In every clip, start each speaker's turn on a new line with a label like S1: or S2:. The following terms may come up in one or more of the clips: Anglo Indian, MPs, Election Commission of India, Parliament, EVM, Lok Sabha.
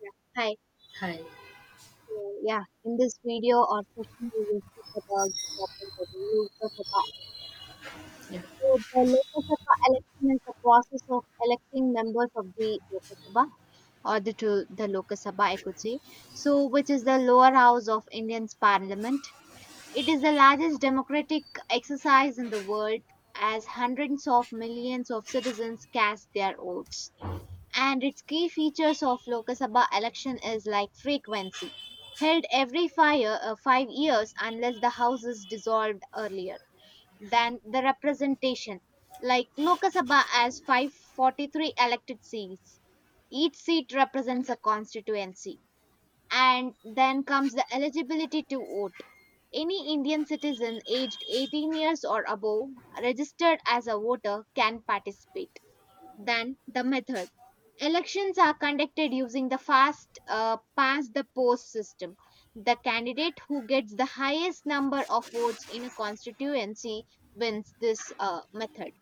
S1: Yeah. Hi.
S2: Hi.
S1: So, yeah, in this video or session, we will speak about the topic that is Lok Sabha.
S2: Yeah.
S1: So, the Lok Sabha election is the process of electing members of the Lok Sabha or the to the Lok Sabha, I could say. So, which is the lower house of Indian's parliament. It is the largest democratic exercise in the world, as hundreds of millions of citizens cast their votes. And its key features of Lok Sabha election is like frequency, held every 5 years unless the house is dissolved earlier than the representation. Like Lok Sabha has 543 elected seats. Each seat represents a constituency. And then comes the eligibility to vote. Any Indian citizen aged 18 years or above, registered as a voter, can participate than the method. Elections are conducted using the fast pass the post system. The candidate who gets the highest number of votes in a constituency wins this method.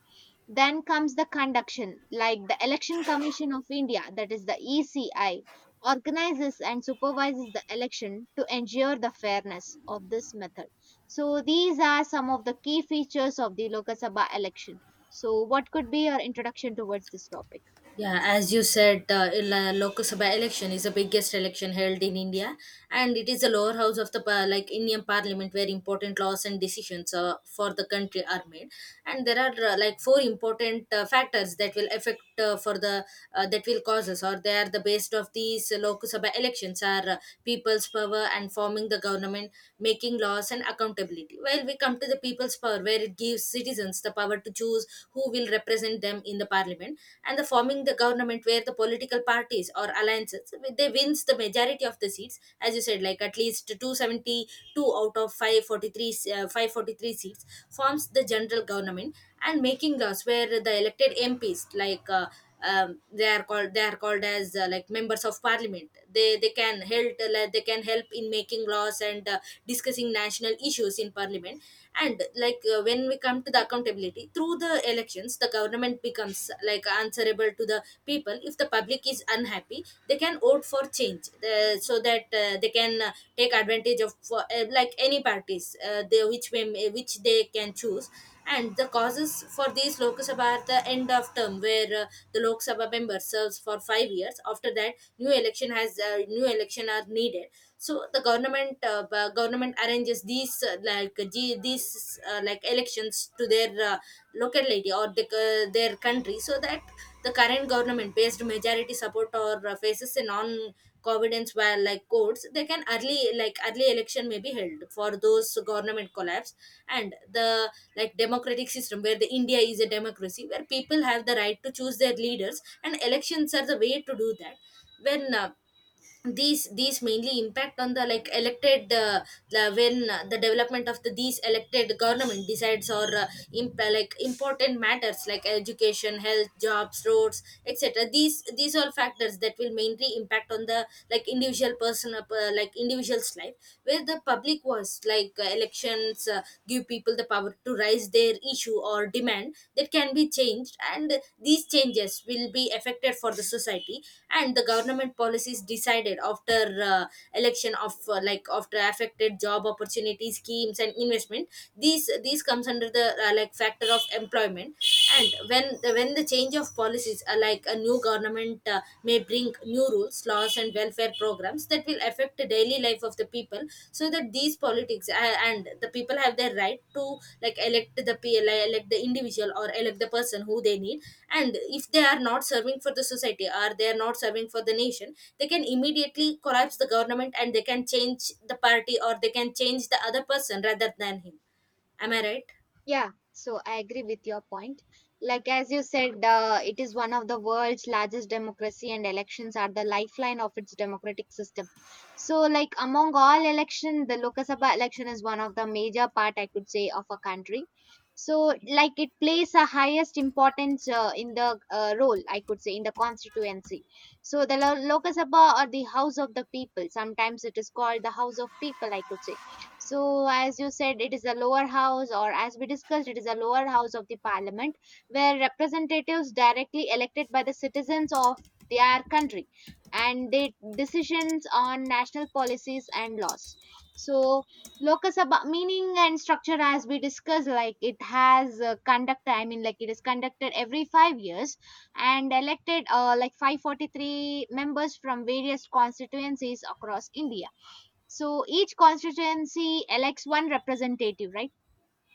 S1: Then comes the conduction, like the Election Commission of India, that is the ECI, organizes and supervises the election to ensure the fairness of this method. So, these are some of the key features of the Lok Sabha election. So, what could be your introduction towards this topic?
S2: Yeah, as you said, the Lok Sabha election is the biggest election held in India, and it is the lower house of the like Indian Parliament where important laws and decisions for the country are made. And there are like four important factors that will affect for the that will cause us, or they are the based of these Lok Sabha elections are people's power and forming the government, making laws and accountability. Well, we come to the people's power where it gives citizens the power had to choose who will represent them in the parliament, and the forming the government where the political parties or alliances they wins the majority of the seats as you said, like at least 272 out of 543 seats forms the general government, and making laws where the elected MPs like, they are called as like members of parliament. They can help like they can help in making laws and discussing national issues in parliament. And like when we come to the accountability through the elections, the government becomes like answerable to the people. If the public is unhappy, they can vote for change, so that they can take advantage of like any parties which they can choose, and the causes for these Lok Sabha at the end of term, where the Lok Sabha member serves for 5 years. After that, new election are needed. So the government arranges these like elections to their locality, or the, their country, so that the current government based majority support or faces a non confidence, where like courts, they can early election may be held for those government collapse, and the like democratic system where the India is a democracy where people have the right to choose their leaders and elections are the way to do that. When these mainly impact on the like elected the development of the these elected government decides or like important matters like education, health, jobs, roads, etc. These all factors that will mainly impact on the like individual person, like individual's life, where the public was like elections give people the power to rise raise their issue or demand that can be changed, and these changes will be affected for the society, and the government policies decided after election of like after affected job opportunity schemes and investment. These comes under the like factor of employment. And when the change of policies, like a new government may bring new rules, laws and welfare programs that will affect the daily life of the people, so that these politics, and the people have their right to like elect the individual or elect the person who they need. And if they are not serving for the society or they are not serving for the nation, they can immediately collapse the government and they can change the party or they can change the other person rather than him. Am I right?
S1: Yeah, so I agree with your point. Like as you said, it is one of the world's largest democracy, and elections are the lifeline of its democratic system. So, like among all election, the Lok Sabha election is one of the major part I could say of a country. So, like it plays a highest importance in the role I could say in the constituency. So, the Lok Sabha or the House of the People. Sometimes it is called the House of People, I could say. So, as you said, it is a lower house, or as we discussed, it is a lower house of the parliament where representatives directly elected by the citizens of their country and they decisions on national policies and laws. So, Lok Sabha meaning and structure, as we discussed, like it has conducted, I mean, like it is conducted every 5 years and elected like 543 members from various constituencies across India, so each constituency elects one representative, right?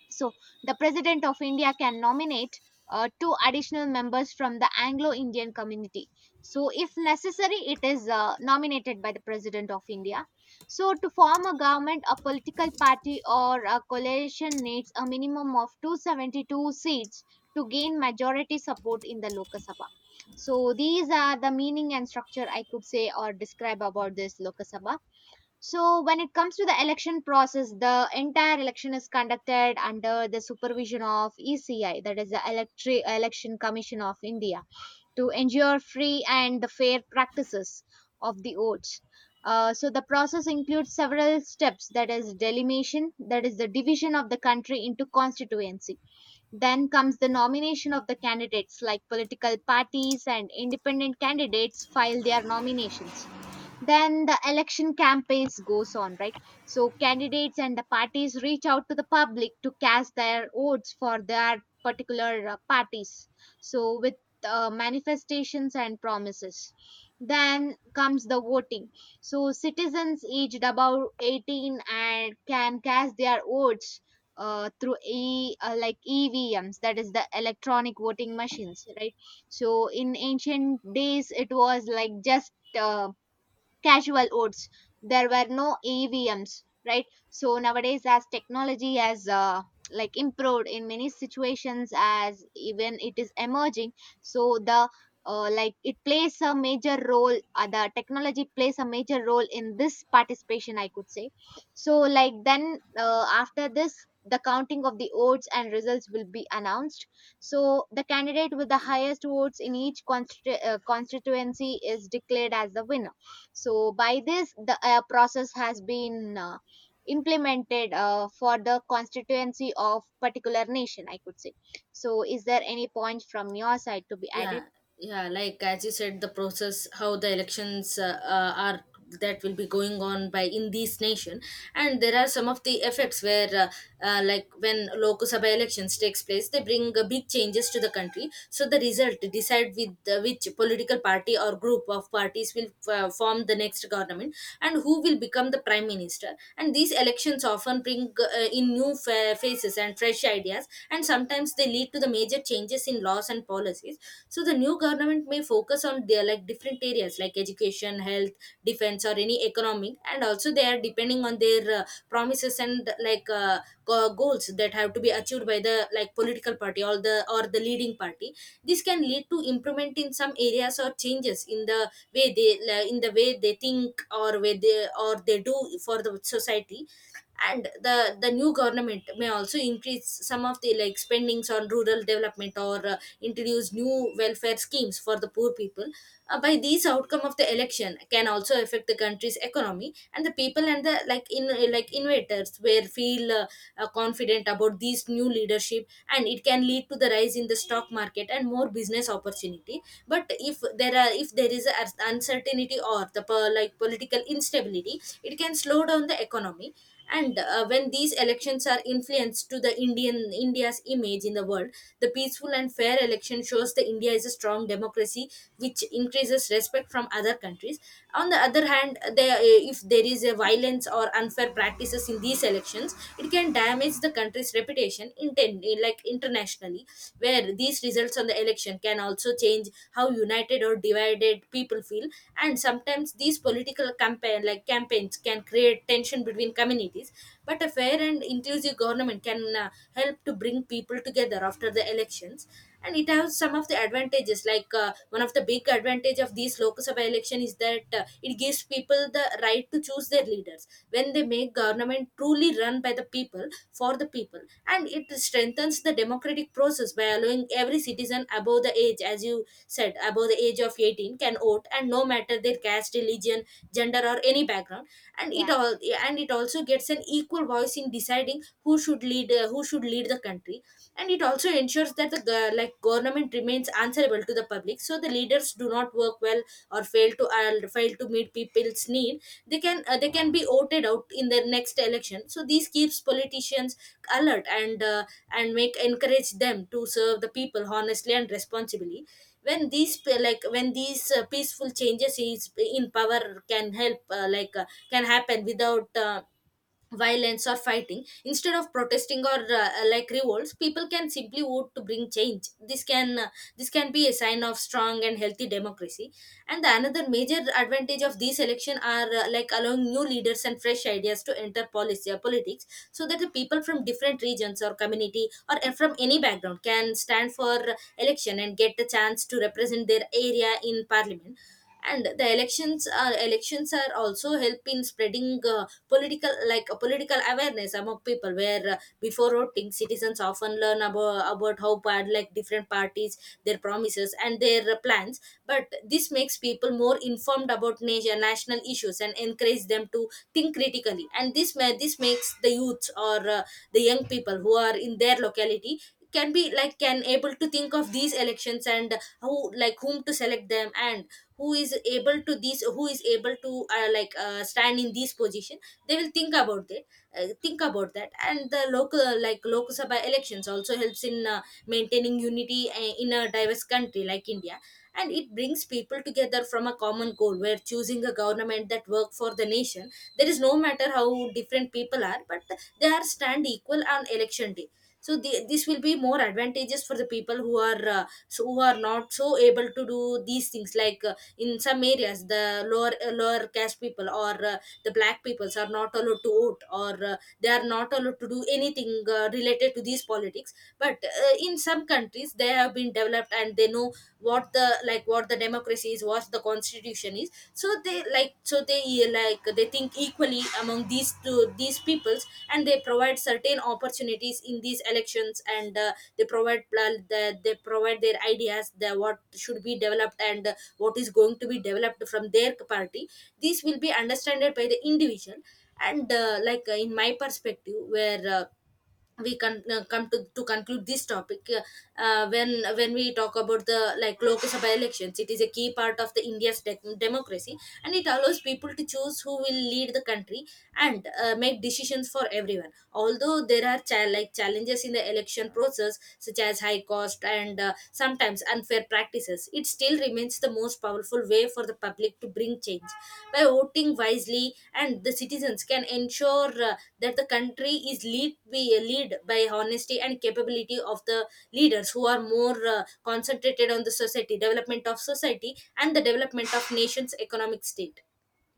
S1: So the President of India can nominate two additional members from the Anglo Indian community. So, if necessary, it is nominated by the President of India. So, to form a government, a political party or a coalition needs a minimum of 272 seats to gain majority support in the Lok Sabha. So, these are the meaning and structure I could say or describe about this Lok Sabha. So, when it comes to the election process, the entire election is conducted under the supervision of ECI, that is the Election Commission of India, to ensure free and the fair practices of the votes. So, the process includes several steps, that is, delimation, that is, the division of the country into constituency. Then comes the nomination of the candidates, like political parties and independent candidates file their nominations. Then the election campaigns goes on, right? So candidates and the parties reach out to the public to cast their votes for their particular parties, so with manifestations and promises. Then comes the voting. So citizens aged above 18 and can cast their votes through e like EVMs, that is the electronic voting machines, right? So in ancient days it was like just uh, casual votes. There were no EVMs, right? So nowadays, as technology has like improved in many situations, as even it is emerging, so the like it plays a major role. The technology plays a major role in this participation, I could say. So like then after this, the counting of the votes and results will be announced. So, the candidate with the highest votes in each constituency is declared as the winner, so by this, the process has been implemented for the constituency of particular nation, I could say. So is there any point from your side to be
S2: Yeah.
S1: added?
S2: Yeah, like as you said, the process how the elections are, that will be going on by in this nation. And there are some of the effects where like when local sabha elections takes place, they bring big changes to the country. So the result decide with which political party or group of parties will form the next government, and who will become the prime minister. And these elections often bring in new faces and fresh ideas, and sometimes they lead to the major changes in laws and policies. So the new government may focus on their like different areas like education, health, defense or any economic, and also they are depending on their promises and like goals that have to be achieved by the like political party or the leading party. This can lead to improvement in some areas or changes in the way they like, in the way they think or way they or they do for the society. And the new government may also increase some of the like spendings on rural development or introduce new welfare schemes for the poor people. By these outcome of the election can also affect the country's economy and the people, and the like innovators will feel confident about these new leadership, and it can lead to the rise in the stock market and more business opportunity. But if there are if there is a uncertainty or the like political instability, it can slow down the economy. And when these elections are influenced to the indian india's image in the world, the peaceful and fair election shows the India is a strong democracy, which increases respect from other countries. On the other hand, there, if there is a violence or unfair practices in these elections, it can damage the country's reputation. Intend like internationally, where these results on the election can also change how united or divided people feel. And sometimes these political campaigns can create tension between communities, but a fair and inclusive government can help to bring people together after the elections. And it has some of the advantages. Like one of the big advantage of these Lok Sabha election is that it gives people the right to choose their leaders, when they make government truly run by the people for the people. And it strengthens the democratic process by allowing every citizen above the age, as you said, above the age of 18 can vote, and no matter their caste, religion, gender or any background. and it
S1: Yeah.
S2: all and it also gets an equal voice in deciding who should lead the country. And it also ensures that the like government remains answerable to the public, so the leaders do not work well or fail to meet people's need, they can, they can be voted out in the next election. So this keeps politicians alert, and and make encourage them to serve the people honestly and responsibly. When these p- like when these peaceful changes is in power, can help can happen without violence or fighting. Instead of protesting or like revolts, people can simply vote to bring change. This can be a sign of strong and healthy democracy. And the another major advantage of these election are, like allowing new leaders and fresh ideas to enter policy or politics, so that the people from different regions or community, or from any background can stand for election and get the chance to represent their area in parliament. And the elections are also help in spreading political awareness among people, where before voting, citizens often learn about how bad like different parties, their promises and their plans. But this makes people more informed about national issues and encourage them to think critically. And this makes the youths or, the young people who are in their locality, can be like can able to think of these elections and how like whom to select them, and who is able to stand in this position. They will think about it, think about that. And the local like local sabha elections also helps in maintaining unity in a diverse country like India, and it brings people together from a common goal, where choosing a government that work for the nation. There is no matter how different people are, but they are stand equal on election day. So the, this will be more advantageous for the people who are so who are not so able to do these things. Like in some areas, the lower caste people or the black peoples are not allowed to vote, or they are not allowed to do anything related to these politics. But in some countries they have been developed, and they know what the like what the democracy is, what the constitution is. So they like, so they they think equally among these two these peoples, and they provide certain opportunities in these elections. And they provide they provide their ideas, the what should be developed, and what is going to be developed from their party. This will be understood by the individual. And in my perspective, where we can come to conclude this topic. When we talk about the like Lok Sabha elections, it is a key part of the India's democracy, and it allows people to choose who will lead the country and make decisions for everyone. Although there are like challenges in the election process such as high cost and sometimes unfair practices, it still remains the most powerful way for the public to bring change. By voting wisely, and the citizens can ensure that the country is lead by honesty and capability of the leaders who are more concentrated on the society, development of society, and the development of nation's economic state.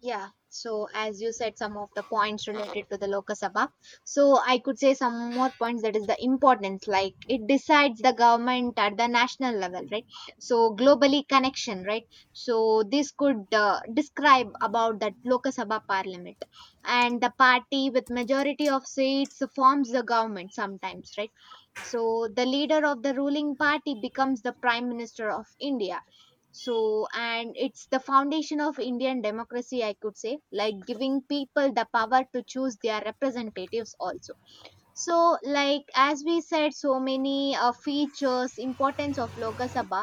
S1: Yeah, so as you said, some of the points related to the locus Sabha. So I could say some more points, that is the importance, like it decides the government at the national level, right? So globally connection, right? So this could describe about that locus Sabha parliament, and the party with majority of seats forms the government sometimes, right? So the leader of the ruling party becomes the prime minister of India. So and it's the foundation of Indian democracy, I could say, like giving people the power to choose their representatives also. So like as we said, so many features importance of Lok Sabha.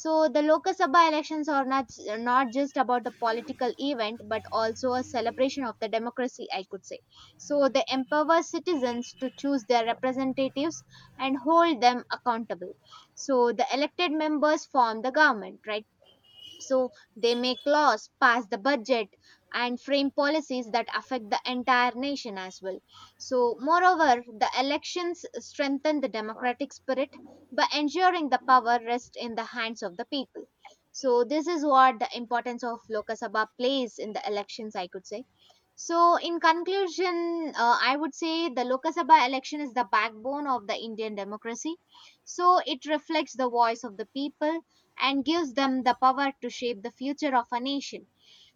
S1: So the Lok Sabha elections are not just about the political event but also a celebration of the democracy, I could say. So they empower citizens to choose their representatives and hold them accountable. So the elected members form the government, right? So they make laws, pass the budget, and frame policies that affect the entire nation as well. So, moreover, the elections strengthen the democratic spirit by ensuring the power rests in the hands of the people. So, this is what the importance of Lok Sabha plays in the elections, I could say. So, in conclusion, I would say the Lok Sabha election is the backbone of the Indian democracy. So, it reflects the voice of the people and gives them the power to shape the future of a nation.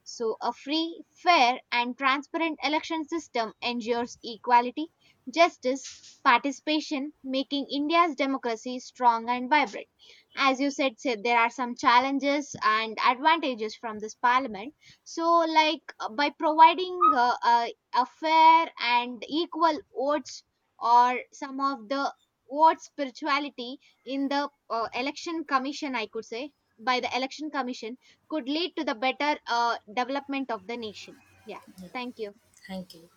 S1: So, a free, fair, and transparent election system ensures equality, justice, participation, making India's democracy strong and vibrant. As you said, there are some challenges and advantages from this parliament. So, like by providing a fair and equal votes or some of the vote spirituality in the election commission, I could say, by the election commission could lead to the better development of the nation. Yeah, thank you.
S2: Thank you.